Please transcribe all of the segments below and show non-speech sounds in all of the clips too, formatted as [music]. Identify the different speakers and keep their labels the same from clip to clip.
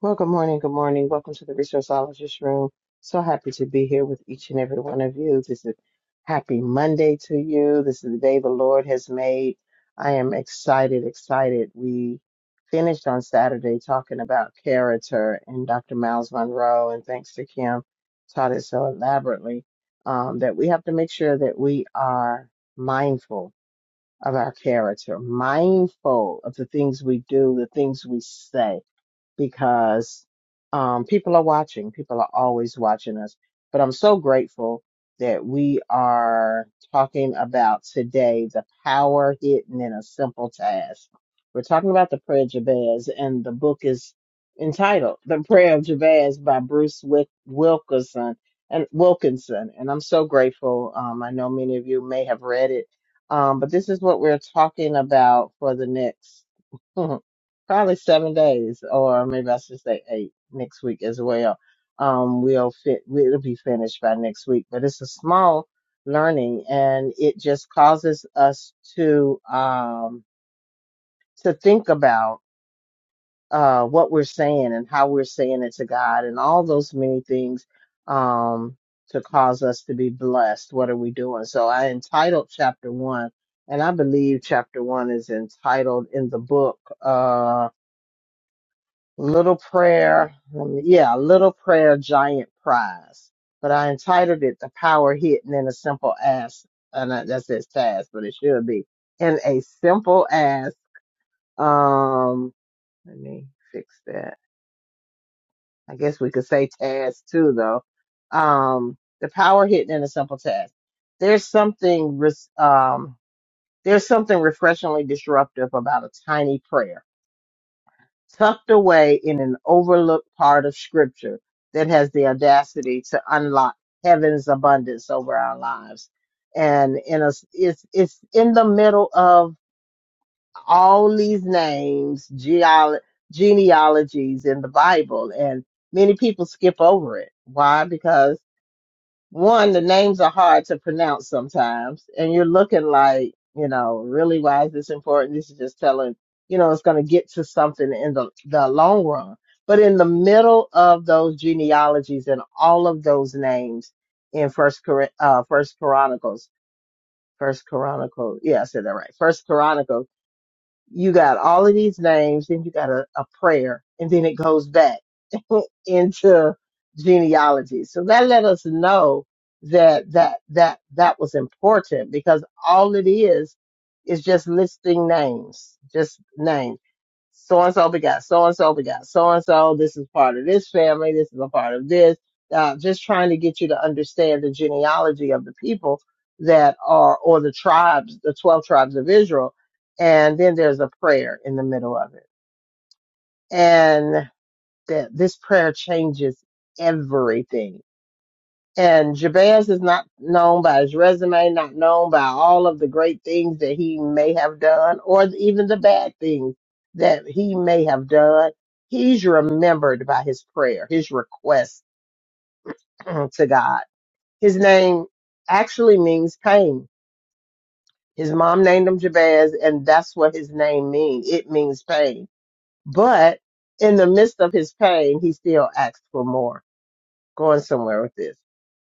Speaker 1: Well, good morning. Good morning. Welcome to the Resourceologist Room. So happy to be here with each and every one of you. This is happy Monday to you. This is the day the Lord has made. I am excited, excited. We finished on Saturday talking about character and Dr. Miles Monroe, and thanks to Kim, taught it so elaborately um, that we have to make sure that we are mindful of our character, mindful of the things we do, the things we say because um, people are watching. People are always watching us. But I'm so grateful that we are talking about today the power hidden in a simple task. We're talking about the prayer of Jabez, and the book is entitled "The Prayer of Jabez" by Bruce Wick- Wilkerson and Wilkinson. And I'm so grateful. Um, I know many of you may have read it, um, but this is what we're talking about for the next. [laughs] probably seven days, or maybe I should say eight next week as well. Um, we'll fit, we'll be finished by next week, but it's a small learning and it just causes us to, um, to think about, uh, what we're saying and how we're saying it to God and all those many things, um, to cause us to be blessed. What are we doing? So I entitled chapter one and I believe chapter one is entitled in the book, uh, Little Prayer, um, yeah, Little Prayer Giant Prize. But I entitled it The Power Hidden in a Simple Ass, and that that says task, but it should be in a simple ass. Um, let me fix that. I guess we could say task too, though. Um, the power hidden in a simple task. There's something, res- um, there's something refreshingly disruptive about a tiny prayer tucked away in an overlooked part of Scripture that has the audacity to unlock heaven's abundance over our lives. And in a, it's it's in the middle of all these names, geol genealogies in the Bible, and many people skip over it. Why? Because one, the names are hard to pronounce sometimes, and you're looking like, you know, really why is this important? This is just telling, you know, it's going to get to something in the, the long run. But in the middle of those genealogies and all of those names in First Cor- uh, First Chronicles, First Chronicle, yeah, I said that right. First Chronicles you got all of these names, then you got a, a prayer, and then it goes back [laughs] into genealogy. So that let us know that that that that was important because all it is is just listing names, just names so and so begot so and so begot so and so. This is part of this family. This is a part of this. Uh, just trying to get you to understand the genealogy of the people that are, or the tribes, the 12 tribes of Israel. And then there's a prayer in the middle of it. And that this prayer changes everything and Jabez is not known by his resume, not known by all of the great things that he may have done, or even the bad things that he may have done. He's remembered by his prayer, his request [clears throat] to God. His name actually means pain. His mom named him Jabez, and that's what his name means. It means pain. But in the midst of his pain, he still asks for more. Going somewhere with this.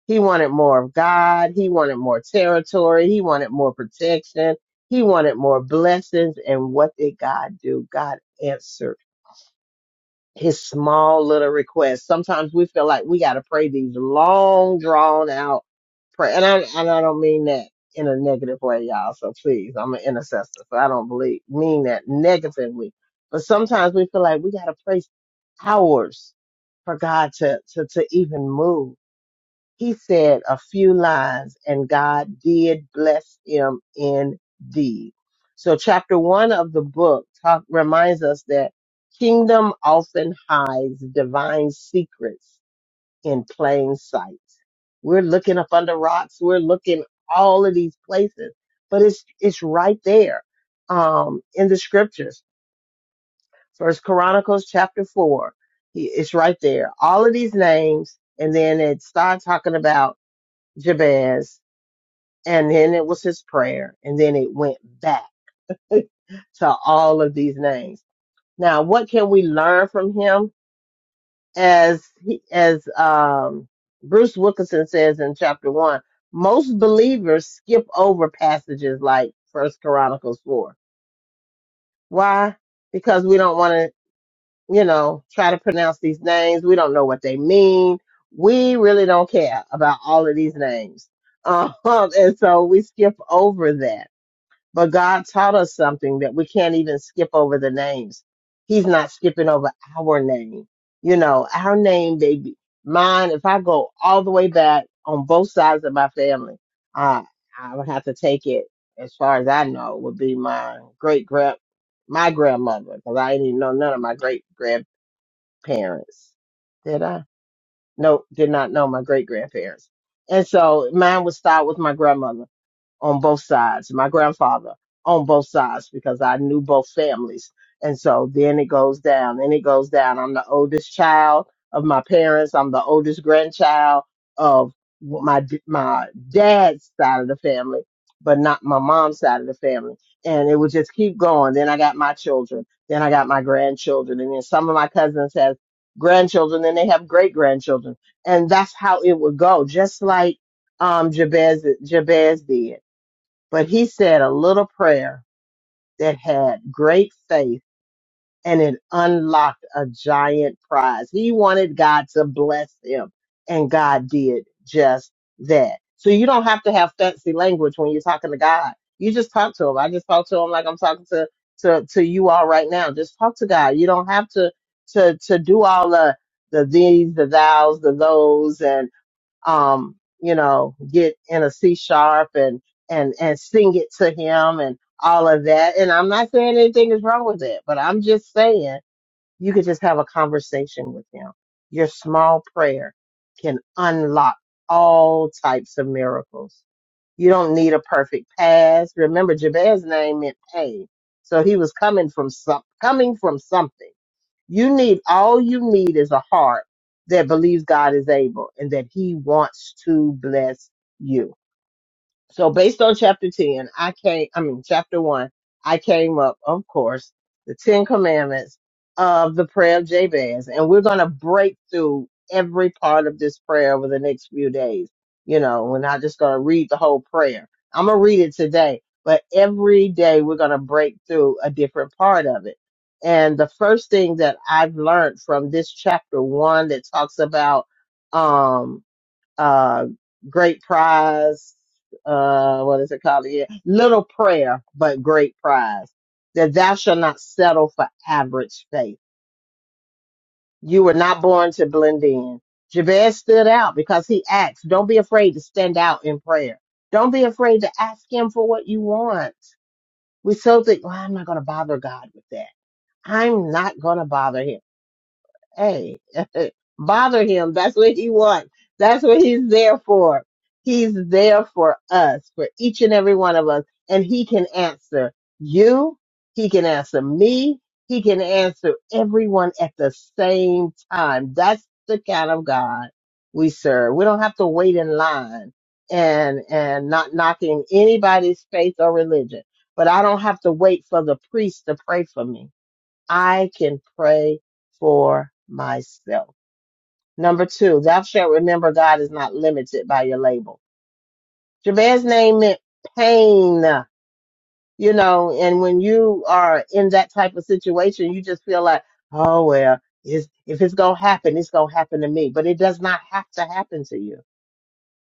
Speaker 1: He wanted more of God. He wanted more territory. He wanted more protection. He wanted more blessings. And what did God do? God answered his small little request. Sometimes we feel like we got to pray these long, drawn out prayer. And I, and I don't mean that in a negative way, y'all. So please, I'm an intercessor. So I don't believe, mean that negatively. But sometimes we feel like we got to pray hours for God to, to, to even move he said a few lines, and God did bless him indeed. So, chapter one of the book talk, reminds us that kingdom often hides divine secrets in plain sight. We're looking up under rocks. We're looking all of these places, but it's it's right there um, in the scriptures. First Chronicles chapter four, he- it's right there. All of these names, and then it starts talking about Jabez and then it was his prayer, and then it went back to all of these names. Now, what can we learn from him? As he, as um, Bruce Wilkinson says in chapter one, most believers skip over passages like First Chronicles four. Why? Because we don't want to, you know, try to pronounce these names. We don't know what they mean. We really don't care about all of these names, [laughs] um, and so we skip over that But God taught us something that we can't even skip over the names. He's not skipping over our name. You know, our name, baby. Mine, if I go all the way back on both sides of my family, uh, I would have to take it as far as I know would be my great grand, my grandmother, because I didn't even know none of my great grandparents. Did I? No, did not know my great grandparents. And so mine would start with my grandmother on both sides, my grandfather on both sides because I knew both families. And so then it goes down and it goes down. I'm the oldest child of my parents. I'm the oldest grandchild of my my dad's side of the family, but not my mom's side of the family. And it would just keep going. Then I got my children. Then I got my grandchildren. And then some of my cousins have grandchildren. Then they have great grandchildren. And that's how it would go. Just like um Jabez Jabez did. But he said a little prayer that had great faith and it unlocked a giant prize. He wanted God to bless him, and God did just that. So you don't have to have fancy language when you're talking to God. You just talk to him. I just talk to him like I'm talking to to to you all right now. Just talk to God. You don't have to to to do all the the these, the thous, the those, and um, you know, get in a C sharp and, and, and sing it to him and all of that. And I'm not saying anything is wrong with it, but I'm just saying you could just have a conversation with him. Your small prayer can unlock all types of miracles. You don't need a perfect pass. Remember, Jabez's name meant pain. So he was coming from some, coming from something. You need all you need is a heart that believes God is able and that He wants to bless you. So based on chapter 10, I came, I mean, chapter one, I came up, of course, the 10 commandments of the prayer of Jabez. And we're going to break through every part of this prayer over the next few days. You know, we're not just going to read the whole prayer. I'm going to read it today, but every day we're going to break through a different part of it. And the first thing that I've learned from this chapter one that talks about, um, uh, Great Prize, uh, what is it called? Yeah, Little Prayer, but Great Prize. That thou shalt not settle for average faith. You were not born to blend in. Jabez stood out because he asked, don't be afraid to stand out in prayer. Don't be afraid to ask him for what you want. We so think, well, I'm not going to bother God with that. I'm not going to bother him. Hey, [laughs] bother him. That's what he wants. That's what he's there for. He's there for us, for each and every one of us. And he can answer you. He can answer me. He can answer everyone at the same time. That's the kind of God we serve. We don't have to wait in line and, and not knocking anybody's faith or religion, but I don't have to wait for the priest to pray for me. I can pray for myself. Number two, thou shalt remember God is not limited by your label. Jabez's name meant pain, you know, and when you are in that type of situation, you just feel like, oh, well, it's, if it's going to happen, it's going to happen to me. But it does not have to happen to you.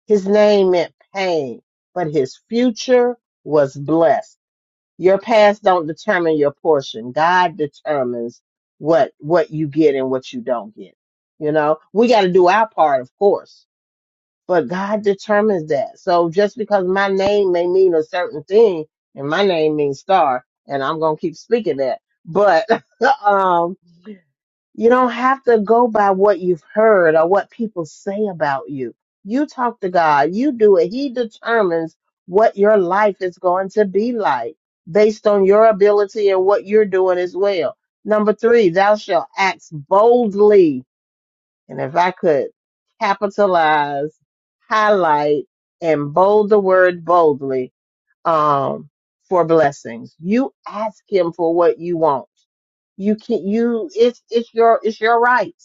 Speaker 1: His name meant pain, but his future was blessed. Your past don't determine your portion. God determines what what you get and what you don't get. You know, we got to do our part, of course, but God determines that. So just because my name may mean a certain thing, and my name means star, and I'm gonna keep speaking that, but [laughs] um, you don't have to go by what you've heard or what people say about you. You talk to God, you do it. He determines what your life is going to be like based on your ability and what you're doing as well. Number three, thou shalt act boldly. And if I could capitalize, highlight, and bold the word boldly, um, for blessings. You ask him for what you want. You can you it's it's your it's your right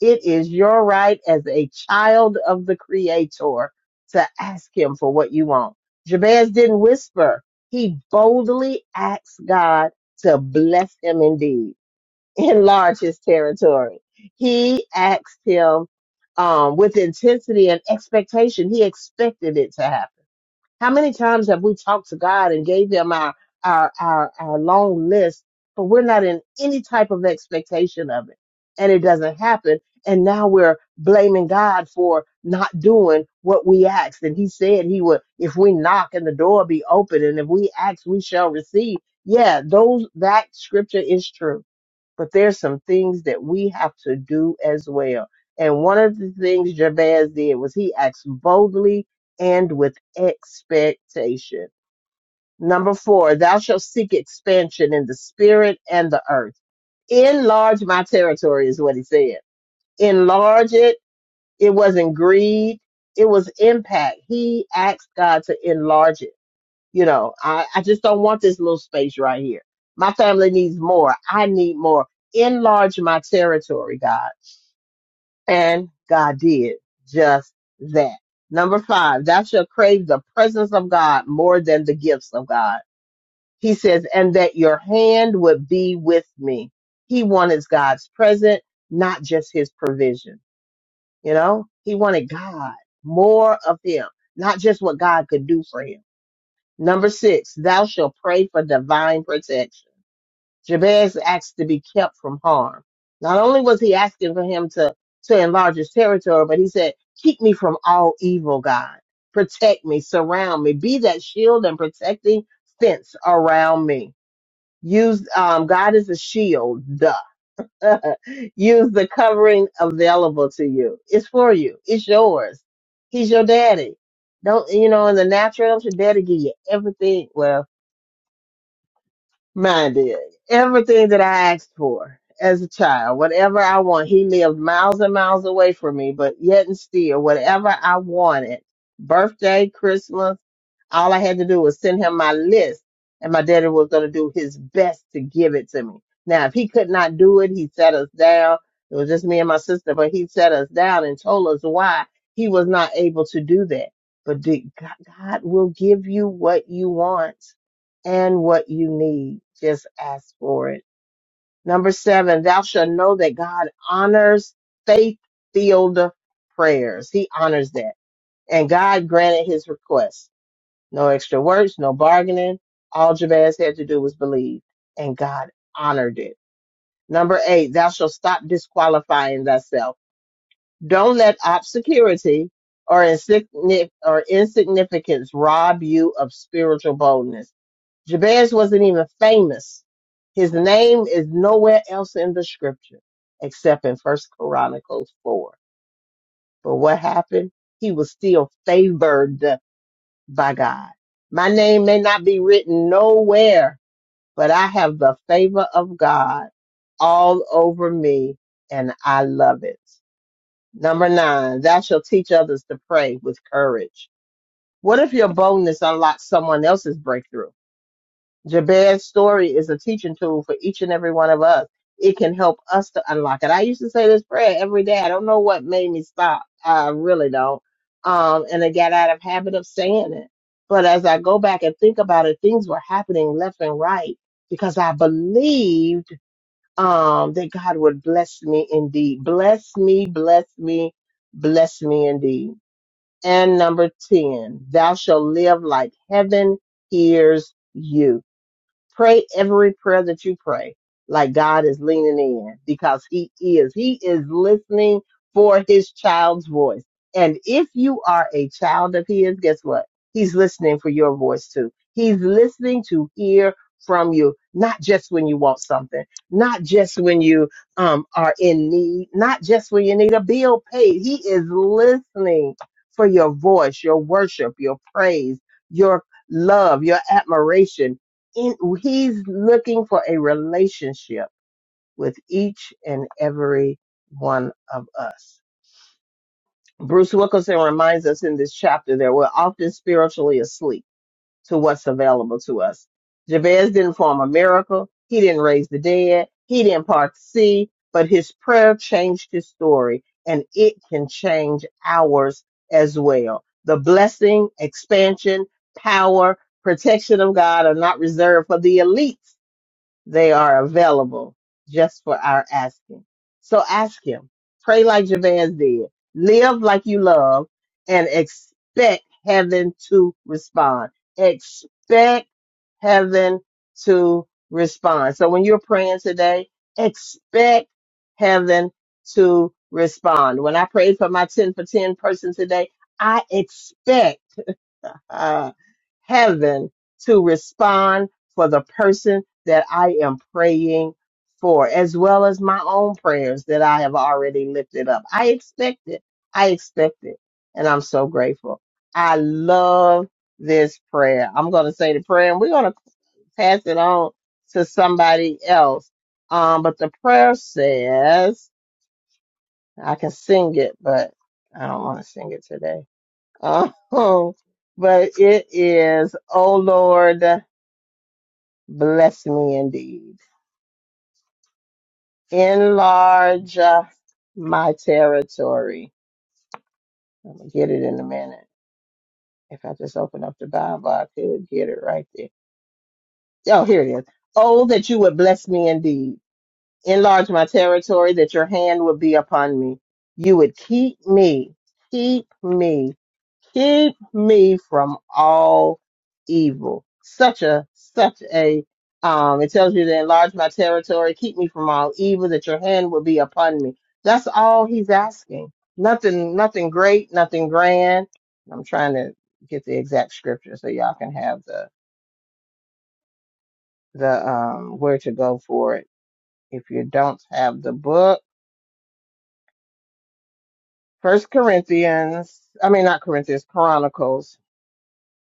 Speaker 1: it is your right as a child of the Creator to ask Him for what you want. Jabez didn't whisper, he boldly asked God to bless him indeed, [laughs] enlarge his territory. He asked Him um, with intensity and expectation, he expected it to happen how many times have we talked to God and gave him our, our, our, our long list, but we're not in any type of expectation of it and it doesn't happen. And now we're blaming God for not doing what we asked. And he said he would, if we knock and the door be open and if we ask, we shall receive. Yeah, those, that scripture is true but there's some things that we have to do as well. And one of the things Jabez did was he acts boldly and with expectation. Number four, thou shalt seek expansion in the spirit and the earth. Enlarge my territory is what he said. Enlarge it. It wasn't greed. It was impact. He asked God to enlarge it. You know, I, I just don't want this little space right here. My family needs more. I need more. Enlarge my territory, God. And God did just that. Number five, thou shalt crave the presence of God more than the gifts of God. He says, and that your hand would be with me. He wanted God's presence, not just his provision. You know, he wanted God, more of him, not just what God could do for him. Number six, thou shalt pray for divine protection. Jabez asked to be kept from harm. Not only was he asking for him to, to enlarge his territory, but he said, Keep me from all evil, God. Protect me, surround me, be that shield and protecting fence around me. Use um, God as a shield, duh. [laughs] Use the covering available to you. It's for you. It's yours. He's your daddy. Don't you know? In the natural, don't your daddy give you everything? Well, minded. Everything that I asked for as a child, whatever I want, he lived miles and miles away from me, but yet and still, whatever I wanted, birthday, Christmas, all I had to do was send him my list, and my daddy was going to do his best to give it to me. Now, if he could not do it, he sat us down. It was just me and my sister, but he sat us down and told us why he was not able to do that. But did- God God will give you what you want and what you need. Just ask for it. Number seven, thou shalt know that God honors faith filled prayers. He honors that. And God granted his request. No extra words, no bargaining. All Jabez had to do was believe, and God honored it. Number eight, thou shalt stop disqualifying thyself. Don't let obscurity or, insigni- or insignificance rob you of spiritual boldness Jabez wasn't even famous. His name is nowhere else in the scripture except in First Chronicles 4. But what happened? He was still favored by God. My name may not be written nowhere, but I have the favor of God all over me and I love it. Number nine, thou shalt teach others to pray with courage. What if your boldness unlocks someone else's breakthrough? Jabez's story is a teaching tool for each and every one of us. It can help us to unlock it. I used to say this prayer every day. I don't know what made me stop. I really don't. Um, and I got out of habit of saying it. But as I go back and think about it, things were happening left and right because I believed um, that God would bless me indeed. Bless me, bless me, bless me indeed. And number 10, thou shalt live like heaven hears you. Pray every prayer that you pray, like God is leaning in because He is. He is listening for His child's voice. And if you are a child of His, guess what? He's listening for your voice too. He's listening to hear from you, not just when you want something, not just when you um, are in need, not just when you need a bill paid. He is listening for your voice, your worship, your praise, your love, your admiration in, he's looking for a relationship with each and every one of us. Bruce Wilkinson reminds us in this chapter that we're often spiritually asleep to what's available to us. Jabez didn't form a miracle. He didn't raise the dead. He didn't part the sea, but his prayer changed his story and it can change ours as well. The blessing, expansion, power, protection of God are not reserved for the elites they are available just for our asking. So ask Him. Pray like Jabez did. Live like you love and expect heaven to respond. Expect heaven to respond. So when you're praying today, expect heaven to respond. When I prayed for my 10 for 10 person today, I expect uh, heaven to respond for the person that I am praying for, as well as my own prayers that I have already lifted up. I expect it. I expect it. And I'm so grateful. I love this prayer. I'm going to say the prayer and we're going to pass it on to somebody else. Um, but the prayer says, I can sing it, but I don't want to sing it today Oh, but it is, oh Lord, bless me indeed. Enlarge uh, my territory. I'm going to get it in a minute. If I just open up the Bible, I could get it right there. Oh, here it is. Oh, that you would bless me indeed enlarge my territory, that your hand would be upon me. You would keep me, keep me, keep me from all evil. Such a, such a, um, it tells you to enlarge my territory, keep me from all evil, that your hand would be upon me. That's all he's asking. Nothing, nothing great, nothing grand. I'm trying to get the exact scripture so y'all can have the, the, um, where to go for it. If you don't have the book, First Corinthians, I mean not Corinthians, Chronicles.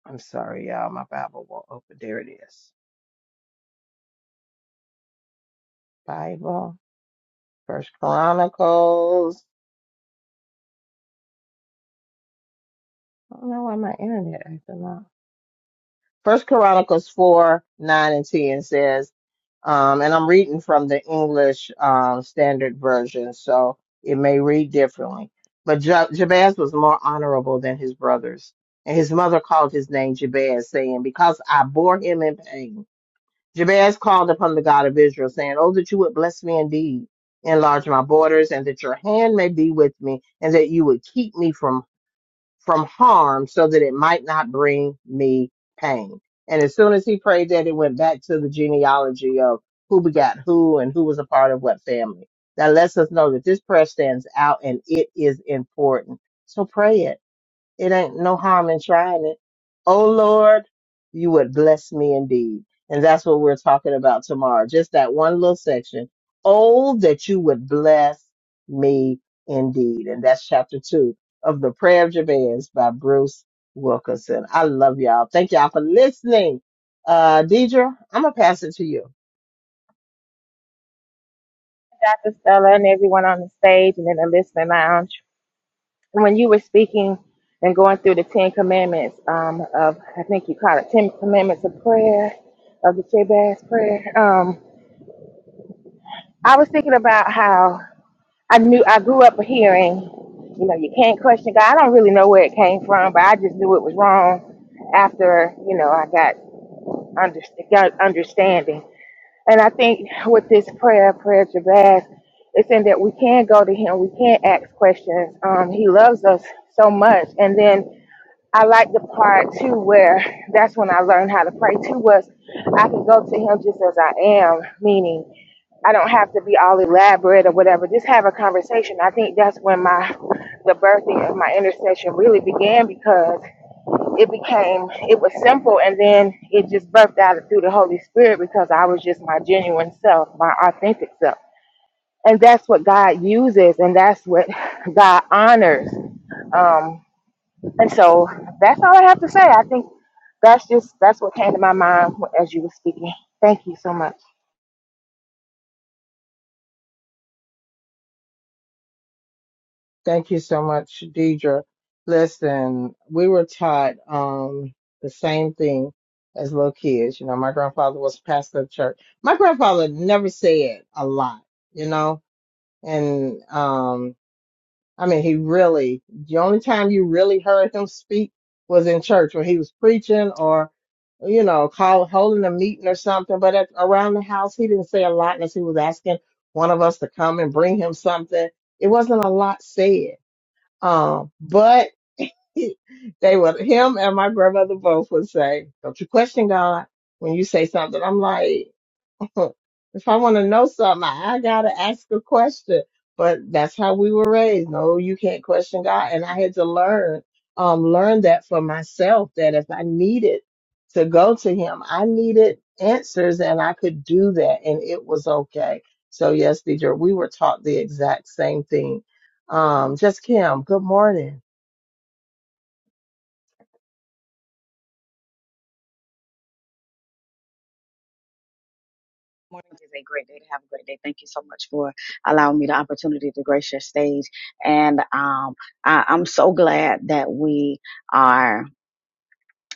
Speaker 1: I'm sorry, y'all. My Bible won't open. There it is. Bible, First Chronicles. I don't know why my internet acting up. First Chronicles four, nine, and ten says, um, and I'm reading from the English um, Standard Version, so it may read differently. But Ja- Jabez was more honorable than his brothers, and his mother called his name Jabez, saying, "Because I bore him in pain." Jabez called upon the God of Israel, saying, Oh, that you would bless me indeed, enlarge my borders, and that your hand may be with me, and that you would keep me from, from harm, so that it might not bring me pain. And as soon as he prayed that, it went back to the genealogy of who begat who and who was a part of what family. That lets us know that this prayer stands out and it is important. So pray it it ain't no harm in trying it. Oh Lord, you would bless me indeed. And that's what we're talking about tomorrow. Just that one little section. Oh, that you would bless me indeed. And that's chapter two of the prayer of Jabez by Bruce Wilkinson. I love y'all. Thank y'all for listening. Uh, Deidre, I'm going to pass it to you.
Speaker 2: Dr. Stella and everyone on the stage and in the listening lounge. When you were speaking and going through the Ten Commandments um, of, I think you call it Ten Commandments of Prayer, of the Jabez Prayer, um, I was thinking about how I knew I grew up hearing, you know, you can't question God. I don't really know where it came from, but I just knew it was wrong after, you know, I got, under, got understanding. And I think with this prayer, prayer Jabez, it's in that we can go to him, we can ask questions. Um, he loves us so much. And then I like the part too where that's when I learned how to pray too was I can go to him just as I am, meaning I don't have to be all elaborate or whatever. Just have a conversation. I think that's when my the birthing of my intercession really began because it became it was simple and then it just birthed out through the holy spirit because i was just my genuine self my authentic self and that's what god uses and that's what [laughs] god honors um and so that's all i have to say i think that's just that's what came to my mind as you were speaking thank you so much
Speaker 1: Thank you so much, Deidre. Listen, we were taught um, the same thing as little kids. You know, my grandfather was pastor of church. My grandfather never said a lot, you know, and um, I mean, he really, the only time you really heard him speak was in church when he was preaching or, you know, call, holding a meeting or something. But at, around the house, he didn't say a lot unless he was asking one of us to come and bring him something. It wasn't a lot said um, but [laughs] he- they would, him and my grandmother both would say, don't you question God when you say something. I'm like, [laughs] if I want to know something, I, I got to ask a question. But that's how we were raised. No, you can't question God. And I had to learn, um, learn that for myself that if I needed to go to him, I needed answers and I could do that and it was okay. So yes, Deidre, we were taught the exact same thing. Um, just Kim, good morning.
Speaker 3: morning is a great day to have a great day. Thank you so much for allowing me the opportunity to grace your stage. And um, I, I'm so glad that we are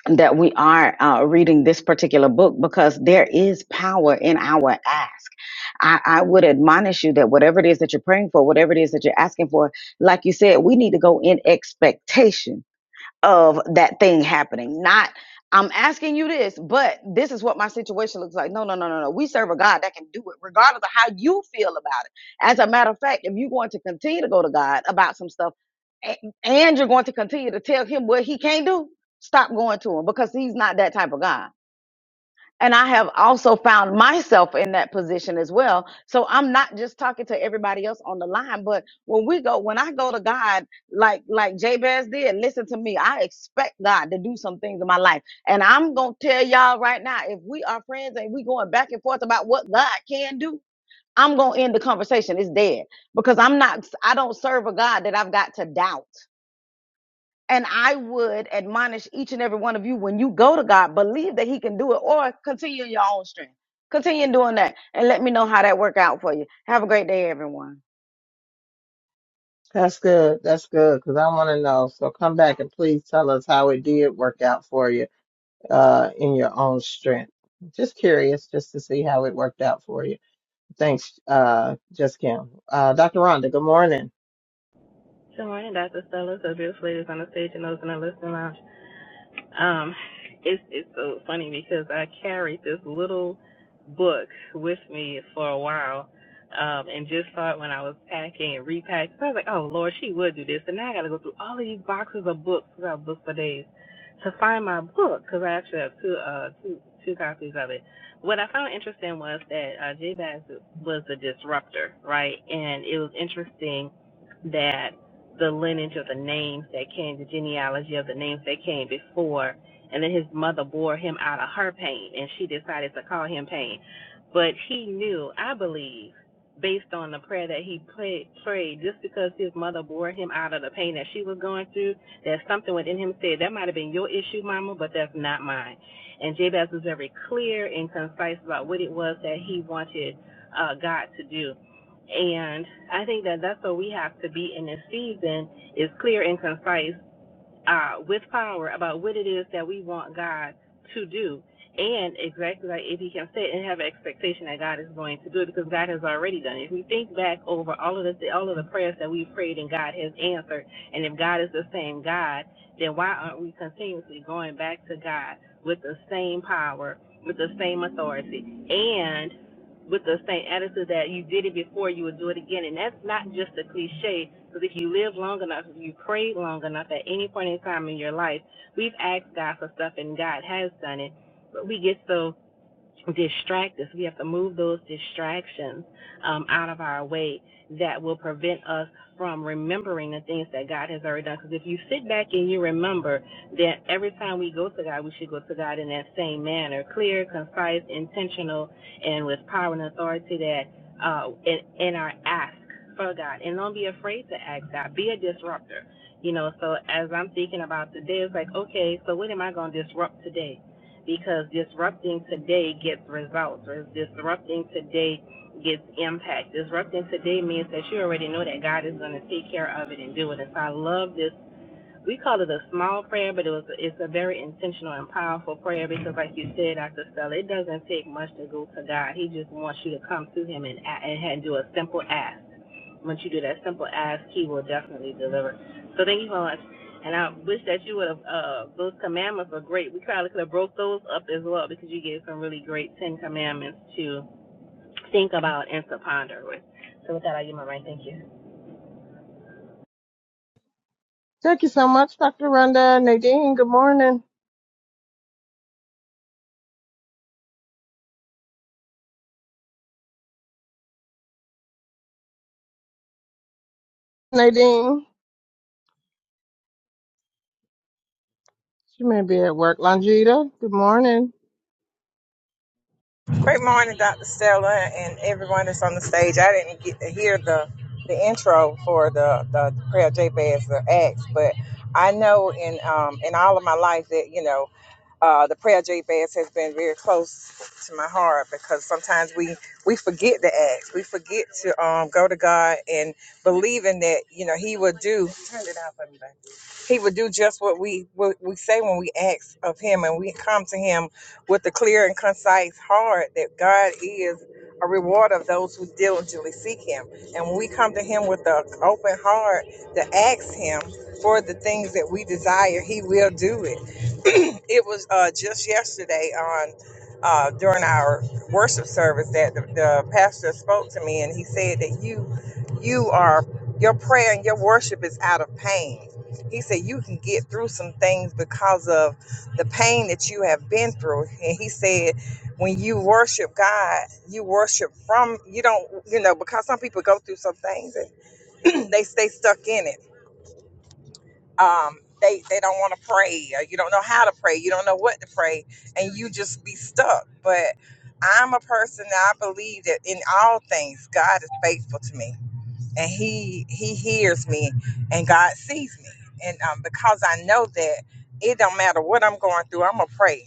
Speaker 3: that we are uh, reading this particular book because there is power in our ask. I, I would admonish you that whatever it is that you're praying for, whatever it is that you're asking for, like you said, we need to go in expectation of that thing happening. Not, I'm asking you this, but this is what my situation looks like. No, no, no, no, no. We serve a God that can do it, regardless of how you feel about it. As a matter of fact, if you're going to continue to go to God about some stuff, a- and you're going to continue to tell him what he can't do, stop going to him because he's not that type of God. And I have also found myself in that position as well. So I'm not just talking to everybody else on the line, but when we go, when I go to God, like, like Jabez did, listen to me. I expect God to do some things in my life. And I'm going to tell y'all right now, if we are friends and we going back and forth about what God can do, I'm going to end the conversation. It's dead because I'm not, I don't serve a God that I've got to doubt. And I would admonish each and every one of you when you go to God, believe that He can do it or continue in your own strength. Continue doing that and let me know how that worked out for you. Have a great day, everyone.
Speaker 1: That's good. That's good because I want to know. So come back and please tell us how it did work out for you uh, in your own strength. Just curious, just to see how it worked out for you. Thanks, uh, Just Kim. Uh, Dr. Rhonda, good morning.
Speaker 4: Good morning, Dr. Stella. So beautiful ladies on the stage and those in the listening lounge. Um, it's it's so funny because I carried this little book with me for a while, um, and just saw it when I was packing and repacking. So I was like, oh Lord, she would do this, and now I got to go through all of these boxes of books without books for days to find my book because I actually have two uh two two copies of it. What I found interesting was that uh, J. Bass was the disruptor, right? And it was interesting that the lineage of the names that came, the genealogy of the names that came before. And then his mother bore him out of her pain, and she decided to call him pain. But he knew, I believe, based on the prayer that he prayed, just because his mother bore him out of the pain that she was going through, that something within him said, That might have been your issue, Mama, but that's not mine. And Jabez was very clear and concise about what it was that he wanted uh, God to do. And I think that that's what we have to be in this season is clear and concise uh, with power about what it is that we want God to do. And exactly like AP Kim said, and have an expectation that God is going to do it because God has already done it. If we think back over all of the all of the prayers that we've prayed and God has answered, and if God is the same God, then why aren't we continuously going back to God with the same power, with the same authority, and? with the same attitude that you did it before, you would do it again. And that's not just a cliche, because if you live long enough, if you pray long enough at any point in time in your life, we've asked God for stuff and God has done it. But we get so distract us. We have to move those distractions um, out of our way that will prevent us from remembering the things that God has already done. Because if you sit back and you remember that every time we go to God, we should go to God in that same manner clear, concise, intentional, and with power and authority that uh, in, in our ask for God. And don't be afraid to ask God, be a disruptor. You know, so as I'm thinking about today, it's like, okay, so what am I going to disrupt today? because disrupting today gets results or disrupting today gets impact. Disrupting today means that you already know that God is going to take care of it and do it. And so I love this we call it a small prayer, but it was it's a very intentional and powerful prayer because, like you said, Dr. Stella, it doesn't take much to go to God. He just wants you to come to Him and and do a simple ask. Once you do that simple ask, He will definitely deliver. So thank you so much. And I wish that you would have uh, those commandments were great. We probably could have broke those up as well because you gave some really great Ten Commandments to think about and to ponder with. So with that, I give my right. Thank you.
Speaker 1: Thank you so much, Dr. Rhonda. Nadine, good morning. Nadine, she may be at work. Longita, good morning.
Speaker 5: Great morning, Dr. Stella, and everyone that's on the stage. I didn't get to hear the the intro for the the prayer Jabez the Acts, but I know in um in all of my life that you know uh, the prayer J fast has been very close to my heart because sometimes we we forget to ask, we forget to um, go to God and believing that you know He will do. Turn it out for me, baby. He will do just what we what we say when we ask of Him and we come to Him with a clear and concise heart that God is a reward of those who diligently seek Him. And when we come to Him with an open heart to ask Him for the things that we desire, He will do it [clears throat] it was uh, just yesterday on uh, during our worship service that the, the pastor spoke to me and he said that you you are your prayer and your worship is out of pain he said you can get through some things because of the pain that you have been through and he said when you worship god you worship from you don't you know because some people go through some things and [clears throat] they stay stuck in it um, they they don't want to pray or you don't know how to pray you don't know what to pray and you just be stuck but i'm a person that i believe that in all things god is faithful to me and he he hears me and god sees me and um, because i know that it don't matter what i'm going through i'm gonna pray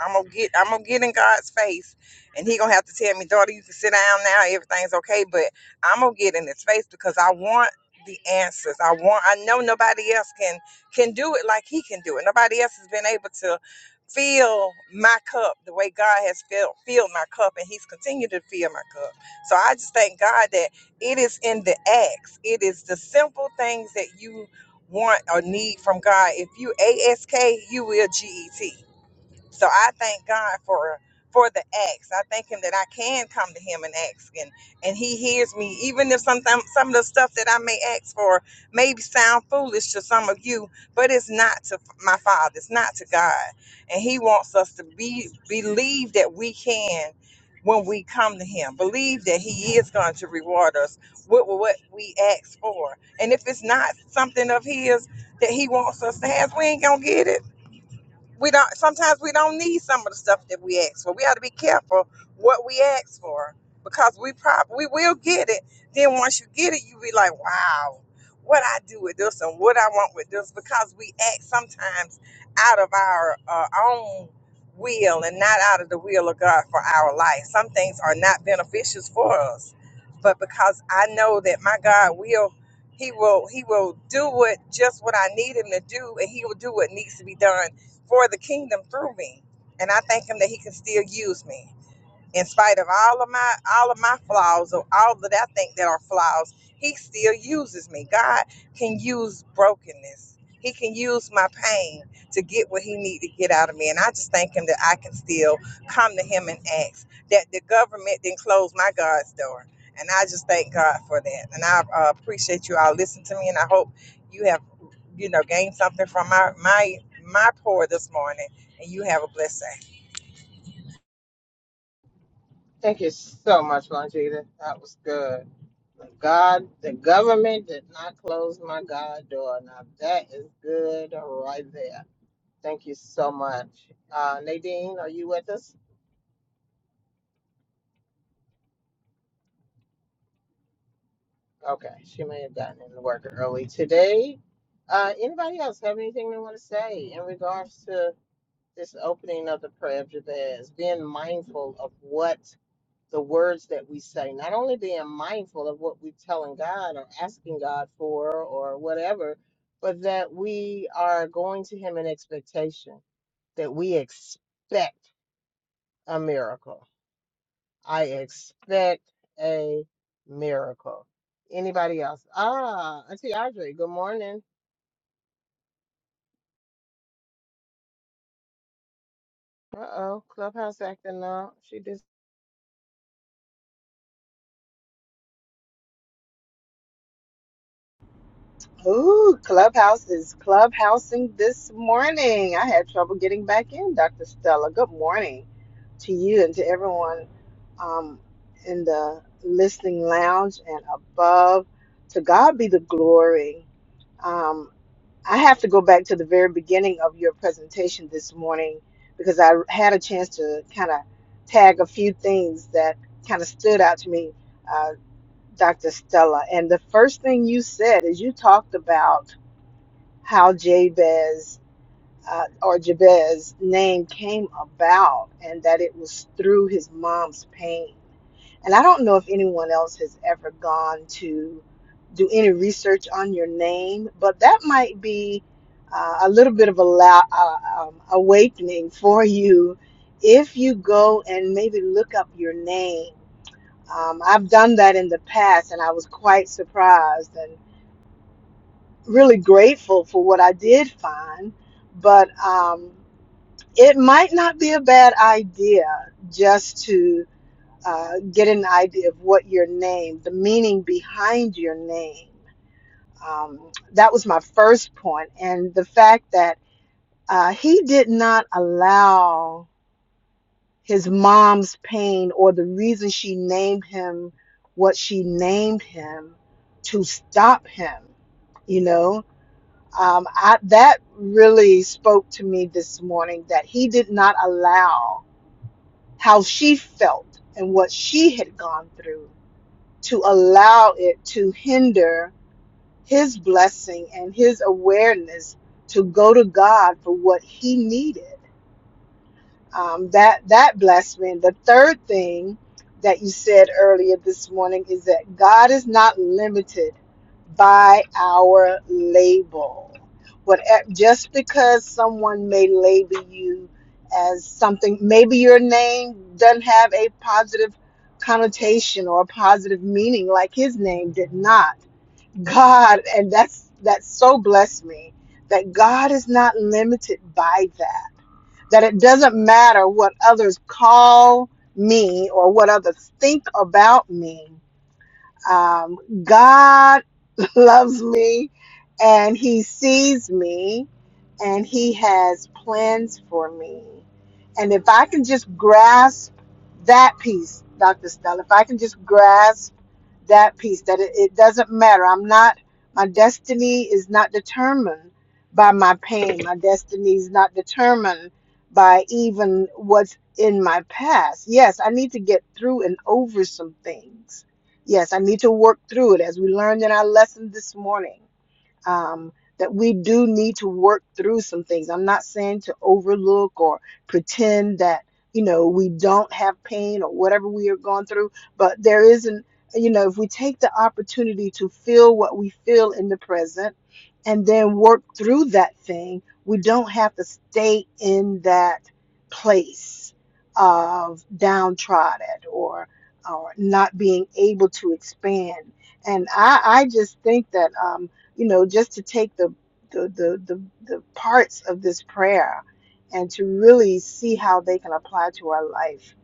Speaker 5: i'm gonna get i'm gonna get in god's face and he gonna have to tell me daughter you can sit down now everything's okay but i'm gonna get in his face because i want the answers i want i know nobody else can can do it like he can do it nobody else has been able to fill my cup the way god has filled filled my cup and he's continued to fill my cup so i just thank god that it is in the acts. It is the simple things that you want or need from God. If you ASK, you will GET. So I thank God for for the acts. I thank Him that I can come to Him and ask, and and He hears me, even if sometimes some of the stuff that I may ask for may sound foolish to some of you, but it's not to my Father. It's not to God, and He wants us to be believe that we can. When we come to Him, believe that He is going to reward us with what we ask for. And if it's not something of His that He wants us to have, we ain't going to get it we don't sometimes we don't need some of the stuff that we ask for. We ought to be careful what we ask for because we prob we will get it. Then once you get it, you be like, wow, what I do with this and what I want with this because we act sometimes out of our uh, own will and not out of the will of God for our life. Some things are not beneficial for us, but because I know that my God will. He will he will do what just what I need him to do and he will do what needs to be done for the kingdom through me. And I thank him that he can still use me. In spite of all of my all of my flaws or all that I think that are flaws, he still uses me. God can use brokenness. He can use my pain to get what he needs to get out of me. And I just thank him that I can still come to him and ask that the government didn't close my God's door. And I just thank God for that. And I uh, appreciate you all listening to me. And I hope you have you know, gain something from my my my pour this morning, and you have a blessed day.
Speaker 1: Thank you so much, Longita. That was good. God, the government did not close my God door. Now that is good right there. Thank you so much. Uh, Nadine, are you with us? Okay, she may have gotten into work early today. Uh, anybody else have anything they want to say in regards to? this opening of the prayer of Jabez, being mindful of what the words that we say, not only being mindful of what we're telling God or asking God for or whatever, but that we are going to Him in expectation, that we expect a miracle. I expect a miracle. Anybody else? Ah, Auntie Audrey, good morning. Uh oh, Clubhouse acting up. She just.
Speaker 6: Ooh, Clubhouse is clubhousing this morning. I had trouble getting back in, Dr. Stella. Good morning to you and to everyone um, in the listening lounge and above. To God be the glory. Um, I have to go back to the very beginning of your presentation this morning because I had a chance to kind of tag a few things that kind of stood out to me, uh, Dr. Stella. And the first thing you said is you talked about how Jabez uh, or Jabez's name came about and that it was through his mom's pain. And I don't know if anyone else has ever gone to do any research on your name, but that might be uh, a little bit of a la- uh, um, awakening for you if you go and maybe look up your name. Um, I've done that in the past and I was quite surprised and really grateful for what I did find, but um, it might not be a bad idea just to uh, get an idea of what your name, the meaning behind your name. Um, that was my first point, and the fact that uh, he did not allow his mom's pain or the reason she named him what she named him to stop him you know Um, I, that really spoke to me this morning that he did not allow how she felt and what she had gone through to allow it to hinder his blessing and his awareness to go to God for what he needed um, that that blessed me. And the third thing that you said earlier this morning is that God is not limited by our label. What eh, just because someone may label you as something, maybe your name doesn't have a positive connotation or a positive meaning, like His name did not. God, and that's that so blessed me that God is not limited by that that it doesn't matter what others call me or what others think about me. Um, God [laughs] loves me and He sees me and He has plans for me. And if I can just grasp that piece, Dr. Stella, if I can just grasp that piece that it, it doesn't matter. I'm not, my destiny is not determined by my pain. My destiny is not determined by even what's in my past. Yes, I need to get through and over some things. Yes, I need to work through it as we learned in our lesson this morning um, that we do need to work through some things. I'm not saying to overlook or pretend that, you know, we don't have pain or whatever we are going through, but there isn't, you know, if we take the opportunity to feel what we feel in the present and then work through that thing, we don't have to stay in that place of downtrodden or or not being able to expand and I, I just think that um, you know, just to take the the, the, the, the parts of this prayer and to really see how they can apply to our life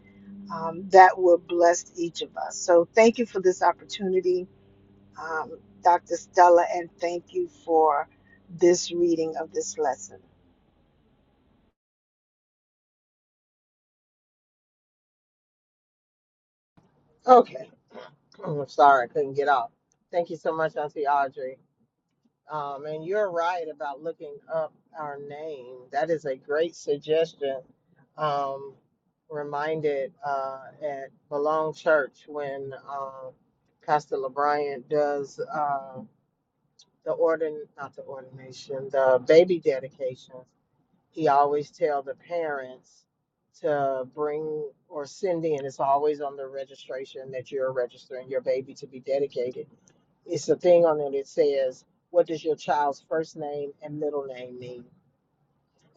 Speaker 6: um, that will bless each of us. So thank you for this opportunity, um, Dr. Stella, and thank you for this reading of this lesson.
Speaker 1: okay. I'm sorry, I couldn't get off. Thank you so much, Auntie Audrey. Um, and you're right about looking up our name. That is a great suggestion. Um, reminded uh, at Belong Church when uh, Pastor LeBryant does uh, the ordin not the ordination, the baby dedications. He always tell the parents to bring or send in. It's always on the registration that you're registering your baby to be dedicated it's a thing on it that says, what does your child's first name and middle name mean?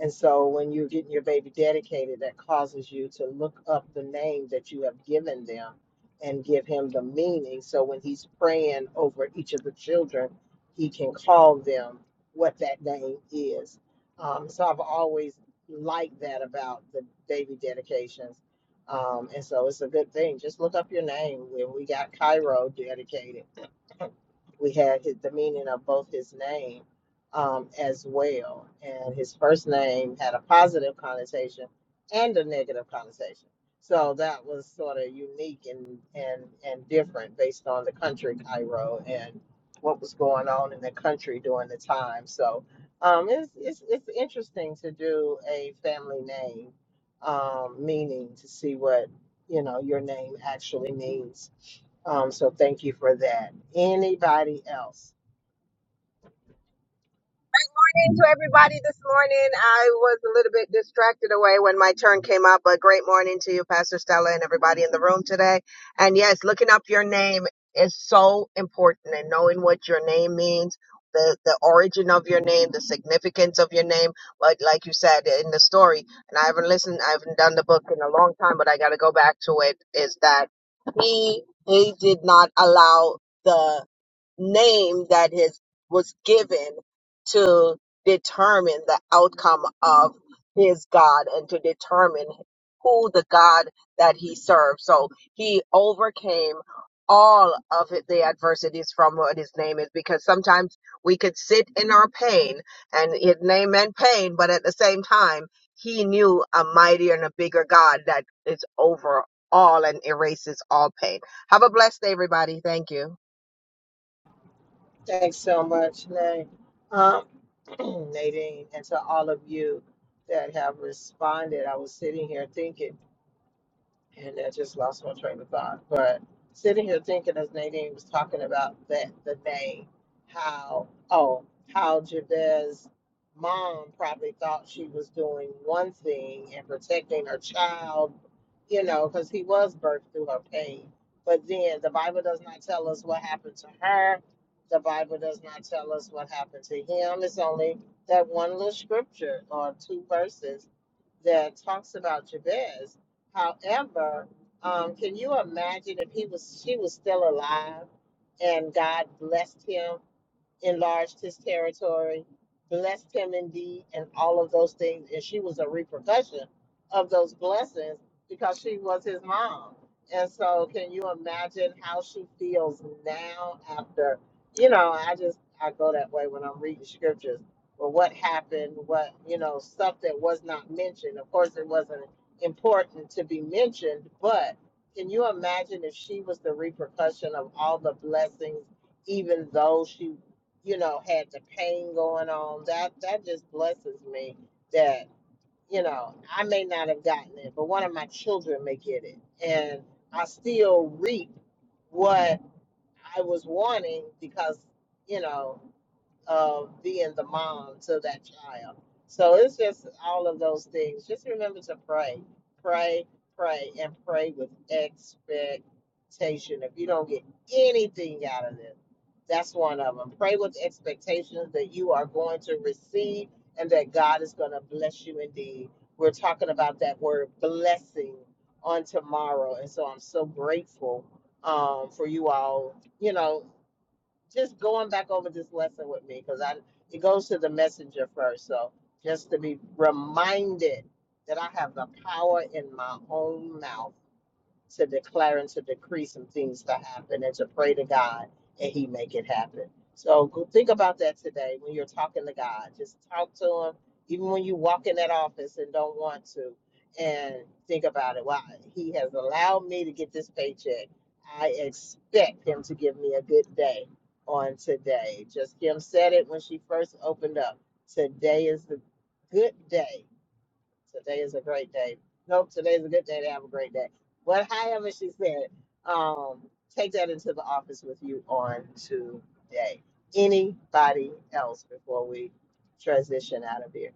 Speaker 1: And so when you're getting your baby dedicated, that causes you to look up the name that you have given them and give him the meaning. So when he's praying over each of the children, he can call them what that name is. Um, so I've always liked that about the baby dedications. Um, and so it's a good thing. Just look up your name. When we got Cairo dedicated, we had his, the meaning of both his name um, as well. And his first name had a positive connotation and a negative connotation. So that was sort of unique and, and, and different based on the country, Cairo, and what was going on in the country during the time. So um, it's, it's, it's interesting to do a family name um, meaning to see what, you know, your name actually means. Um, so thank you for that. Anybody else?
Speaker 7: morning to everybody this morning. I was a little bit distracted away when my turn came up, but great morning to you, Pastor Stella, and everybody in the room today. And yes, looking up your name is so important and knowing what your name means. The, the origin of your name, the significance of your name, like like you said in the story, and I haven't listened, I haven't done the book in a long time, but I got to go back to it. Is that he he did not allow the name that is was given to determine the outcome of his God and to determine who the God that he served. So he overcame all of it- the adversities from what his name is because sometimes we could sit in our pain and his name meant pain, but at the same time, he knew a mightier and a bigger God that is over all and erases all pain. Have a blessed day, everybody. Thank you.
Speaker 1: Thanks so much, Nay. Um, [clears throat] Nadine, and to all of you that have responded. I was sitting here thinking. and I just lost my train of thought. But sitting here thinking, as Nadine was talking about that the name, how oh how Jabez's mom probably thought she was doing one thing and protecting her child, you know, because he was birthed through her pain. But then the Bible does not tell us what happened to her. The Bible does not tell us what happened to him. It's only that one little scripture or two verses that talks about Jabez However, um, can you imagine if he was she was still alive and God blessed him? enlarged his territory, blessed him indeed, and all of those things. And she was a repercussion of those blessings because she was his mom. And so, can you imagine how she feels now after, you know, I just, I go that way when I'm reading scriptures. Well, what happened? What, you know, stuff that was not mentioned. Of course, it wasn't important to be mentioned, but can you imagine if she was the repercussion of all the blessings? even though she you know, had the pain going on. That that just blesses me that, you know, I may not have gotten it, but one of my children may get it. And I still reap what I was wanting because, you know, of being the mom to that child. So it's just all of those things. Just remember to pray, pray, pray, and pray with expectation. If you don't get anything out of this, that's one of them. Pray with expectations that you are going to receive and that God is going to bless you indeed. We're talking about that word blessing on tomorrow. And so I'm so grateful um, for you all. You know, just going back over this lesson with me because I it goes to the messenger first. So just to be reminded that I have the power in my own mouth to declare and to decree some things to happen and to pray to God and He make it happen. So go- think about that today when you're talking to God. Just talk to Him, even when you walk in that office and don't want to, and think about it. Why He has allowed me to get this paycheck. I expect Him to give me a good day on today. Just Kim said it when she first opened up. Today is the good day Today is a great day. Nope, today is a good day to have a great day. But however she said, um, take that into the office with you on today. Anybody else before we transition out of here?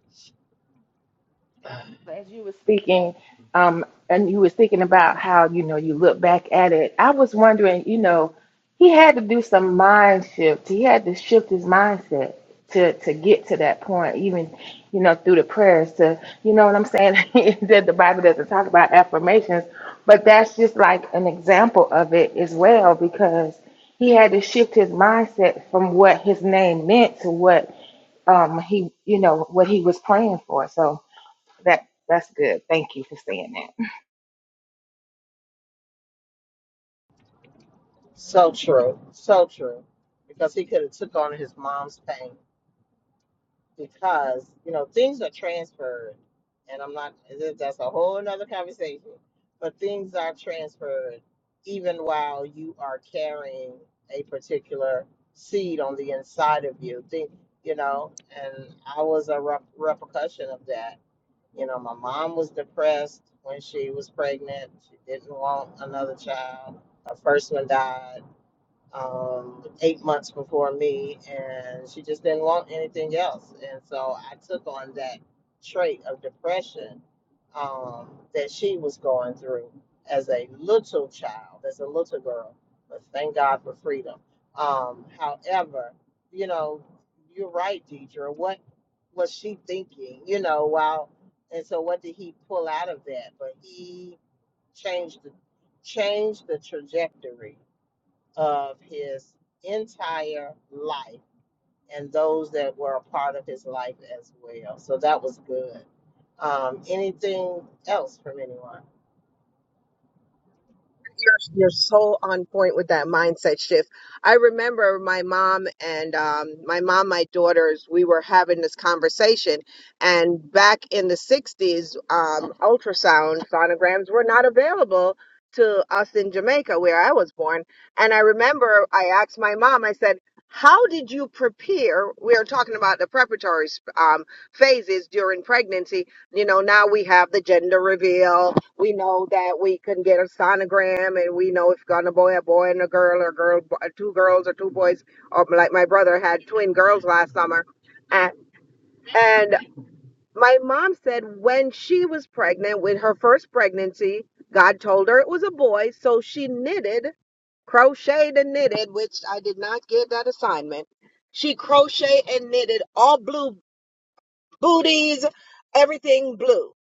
Speaker 2: as you were speaking um and you were thinking about how you know you look back at it i was wondering you know he had to do some mind shift he had to shift his mindset to to get to that point even you know through the prayers to you know what i'm saying [laughs] that the bible doesn't talk about affirmations but that's just like an example of it as well because he had to shift his mindset from what his name meant to what um he you know what he was praying for so that that's good. Thank you for saying that.
Speaker 1: So true, so true. Because he could have took on his mom's pain. because you know things are transferred and i'm not that's a whole nother conversation but things are transferred even while you are carrying a particular seed on the inside of you think you know and i was a rep- repercussion of that you know my mom was depressed when she was pregnant she didn't want another child her first one died um, eight months before me, and she just didn't want anything else. And so I took on that trait of depression um, that she was going through as a little child, as a little girl. But thank God for freedom. Um, however, you know, you're right, Deidre. What was she thinking? You know, while and so what did he pull out of that? But he changed the changed the trajectory of his entire life and those that were a part of his life as well. So that was good. Um, anything else from anyone?
Speaker 7: you're you're so on point with that mindset shift. I remember my mom and um, my mom, my daughters, we were having this conversation, and back in the '60s, um, ultrasound sonograms were not available to us in Jamaica, where I was born. And I remember I asked my mom. I said. How did you prepare? We are talking about the preparatory um, phases during pregnancy. You know, now we have the gender reveal, we know that we can get a sonogram and we know if it's gonna boy a boy and a girl or girl two girls or two boys or like my brother had twin girls last summer and, and my mom said when she was pregnant with her first pregnancy god told her it was a boy so she knitted crocheted and knitted which i did not get that assignment she crocheted and knitted all blue booties everything blue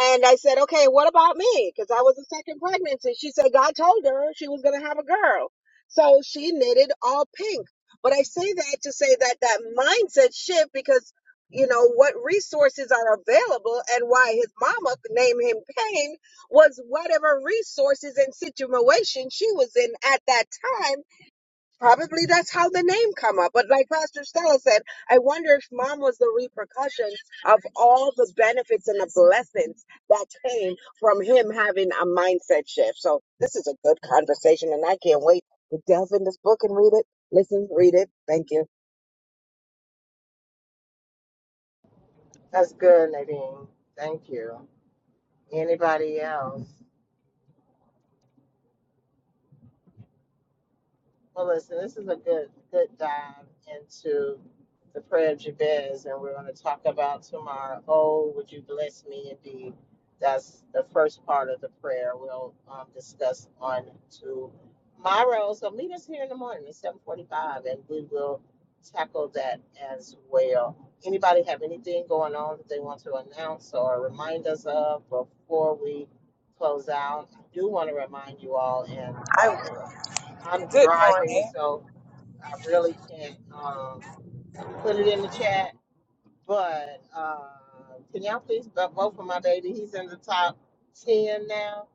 Speaker 7: and I said, okay, what about me? Because I was a second pregnancy. She said God told her she was going to have a girl. So she knitted all pink. But I say that to say that that mindset shift because, you know, what resources are available and why his mama named him Pain was whatever resources and situation she was in at that time Probably that's how the name come up. But like Pastor Stella said, I wonder if mom was the repercussions of all the benefits and the blessings that came from him having a mindset shift. So this is a good conversation and I can't wait to delve in this book and read it. Listen, read it. Thank you.
Speaker 1: That's good, Nadine. Thank you. Anybody else? Well, listen, this is a good good dive into the prayer of Jabez, and we're going to talk about tomorrow. Oh, would you bless me indeed? That's the first part of the prayer we'll um, discuss on tomorrow. So meet us here in the morning at seven forty-five, and we will tackle that as well. Anybody have anything going on that they want to announce or remind us of before we close out? I do want to remind you all and
Speaker 5: I,
Speaker 1: I'm
Speaker 5: good
Speaker 1: driving,
Speaker 5: morning.
Speaker 1: so I really can't um, put it in the chat. But uh, can y'all please vote vote for my baby? He's in the top 10 now,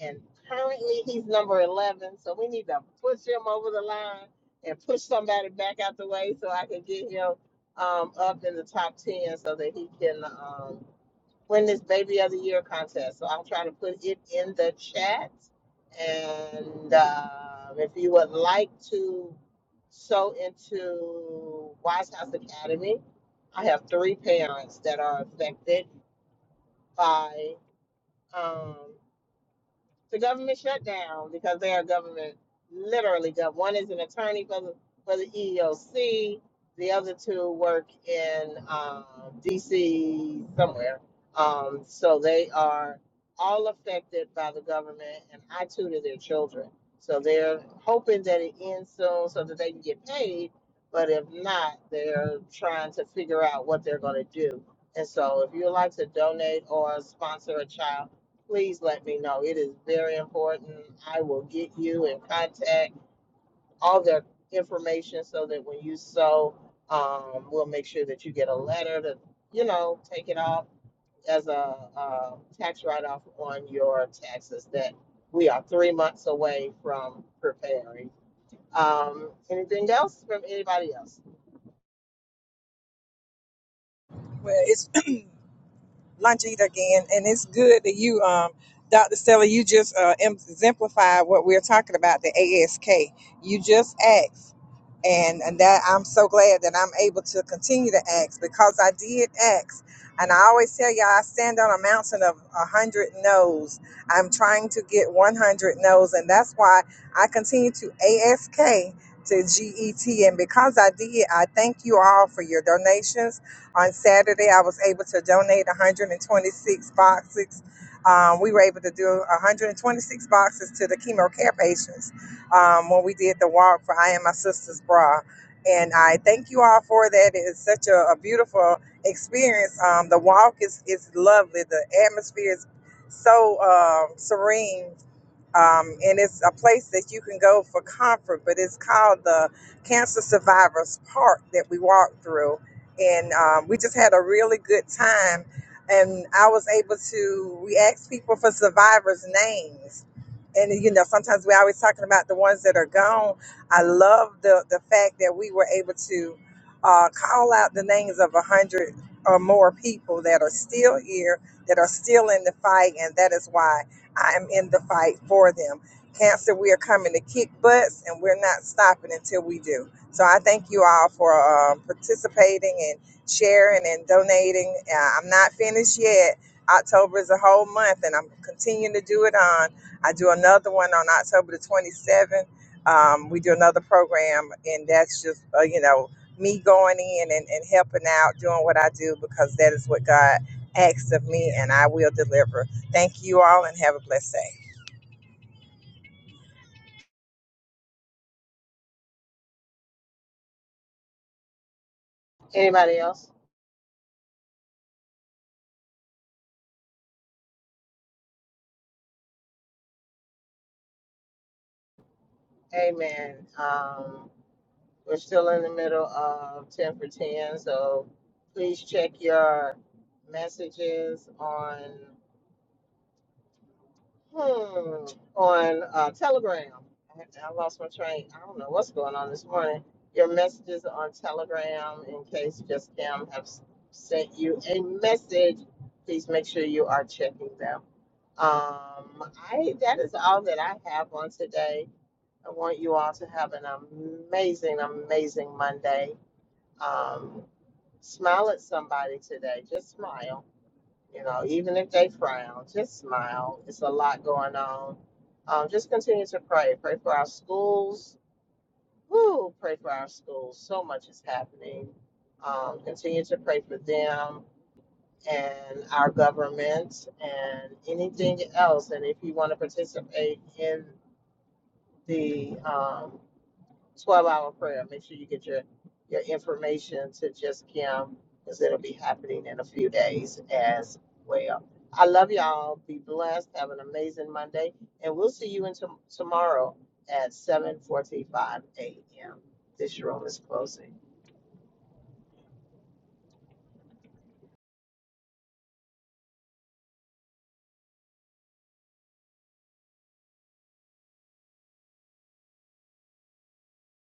Speaker 1: and currently he's number 11. So we need to push him over the line and push somebody back out the way so I can get him um, up in the top 10 so that he can. um, win this Baby of the Year contest. So I'll try to put it in the chat. And uh, if you would like to sew into Wise House Academy, I have three parents that are affected by um, to government shutdown because they are government, literally gov. One is an attorney for the, for the EEOC. The other two work in uh, D.C. somewhere. Um, so they are all affected by the government, and I tutor their children. So they're hoping that it ends soon so that they can get paid. But if not, they're trying to figure out what they're going to do. And so, if you'd like to donate or sponsor a child please let me know. It is very important. I will get you in contact, all their information, so that when you sow, um, we'll make sure that you get a letter to, you know, take it off as a, uh tax write-off on your taxes. That we are three months away from preparing. Um, anything else from anybody else?
Speaker 5: Well, it's [coughs] [clears throat] lunch eat again, and it's good that you, um, Dr. Stella, you just uh, exemplified what we're talking about the ASK. You just asked. and and that I'm so glad that I'm able to continue to ask because I did ask, and I always tell y'all I stand on a mountain of a hundred no's. I'm trying to get 100 no's, and that's why I continue to ask to GET. And because I did, I thank you all for your donations. On Saturday, I was able to donate 126 boxes. Um, we were able to do 126 boxes to the chemo care patients um, when we did the walk for I Am My Sister's Bra. And I thank you all for that. It's such a, a beautiful experience. Um, the walk is, is lovely, the atmosphere is so um serene um, and it's a place that you can go for comfort. But it's called the Cancer Survivors Park that we walked through, and um, we just had a really good time. And I was able to we asked people for survivors' names, and you know sometimes we are always talking about the ones that are gone. I love the the fact that we were able to uh, call out the names of a hundred or more people that are still here, that are still in the fight, and that is why. I am in the fight for them. Cancer, we are coming to kick butts and we're not stopping until we do. So I thank you all for um, participating and sharing and donating. Uh, I'm not finished yet. October is a whole month and I'm continuing to do it on. I do another one on October the 27th. Um, we do another program and that's just, uh, you know, me going in and, and helping out, doing what I do because that is what God asked of me and I will deliver. Thank you all and have a blessed day.
Speaker 1: Anybody else? Amen. Um, We're still in the middle of 10 for 10, so please check your messages on hmm, on uh, Telegram. I, I lost my train. I don't know what's going on this morning. Your messages on Telegram, in case just them have s- sent you a message, please make sure you are checking them. Um, I that is all that I have on today. I want you all to have an amazing, amazing Monday. Um, Smile at somebody today. Just smile. You know, even if they frown, just smile. It's a lot going on. Um, just continue to pray. Pray for our schools. Woo! Pray for our schools. So much is happening. Um, continue to pray for them and our government and anything else. And if you want to participate in the um, 12 hour prayer. Make sure you get your, your information to just Kim because it'll be happening in a few days as well. I love y'all. Be blessed. Have an amazing Monday. And we'll see you in tom tomorrow at 7.45 a.m. This room is closing.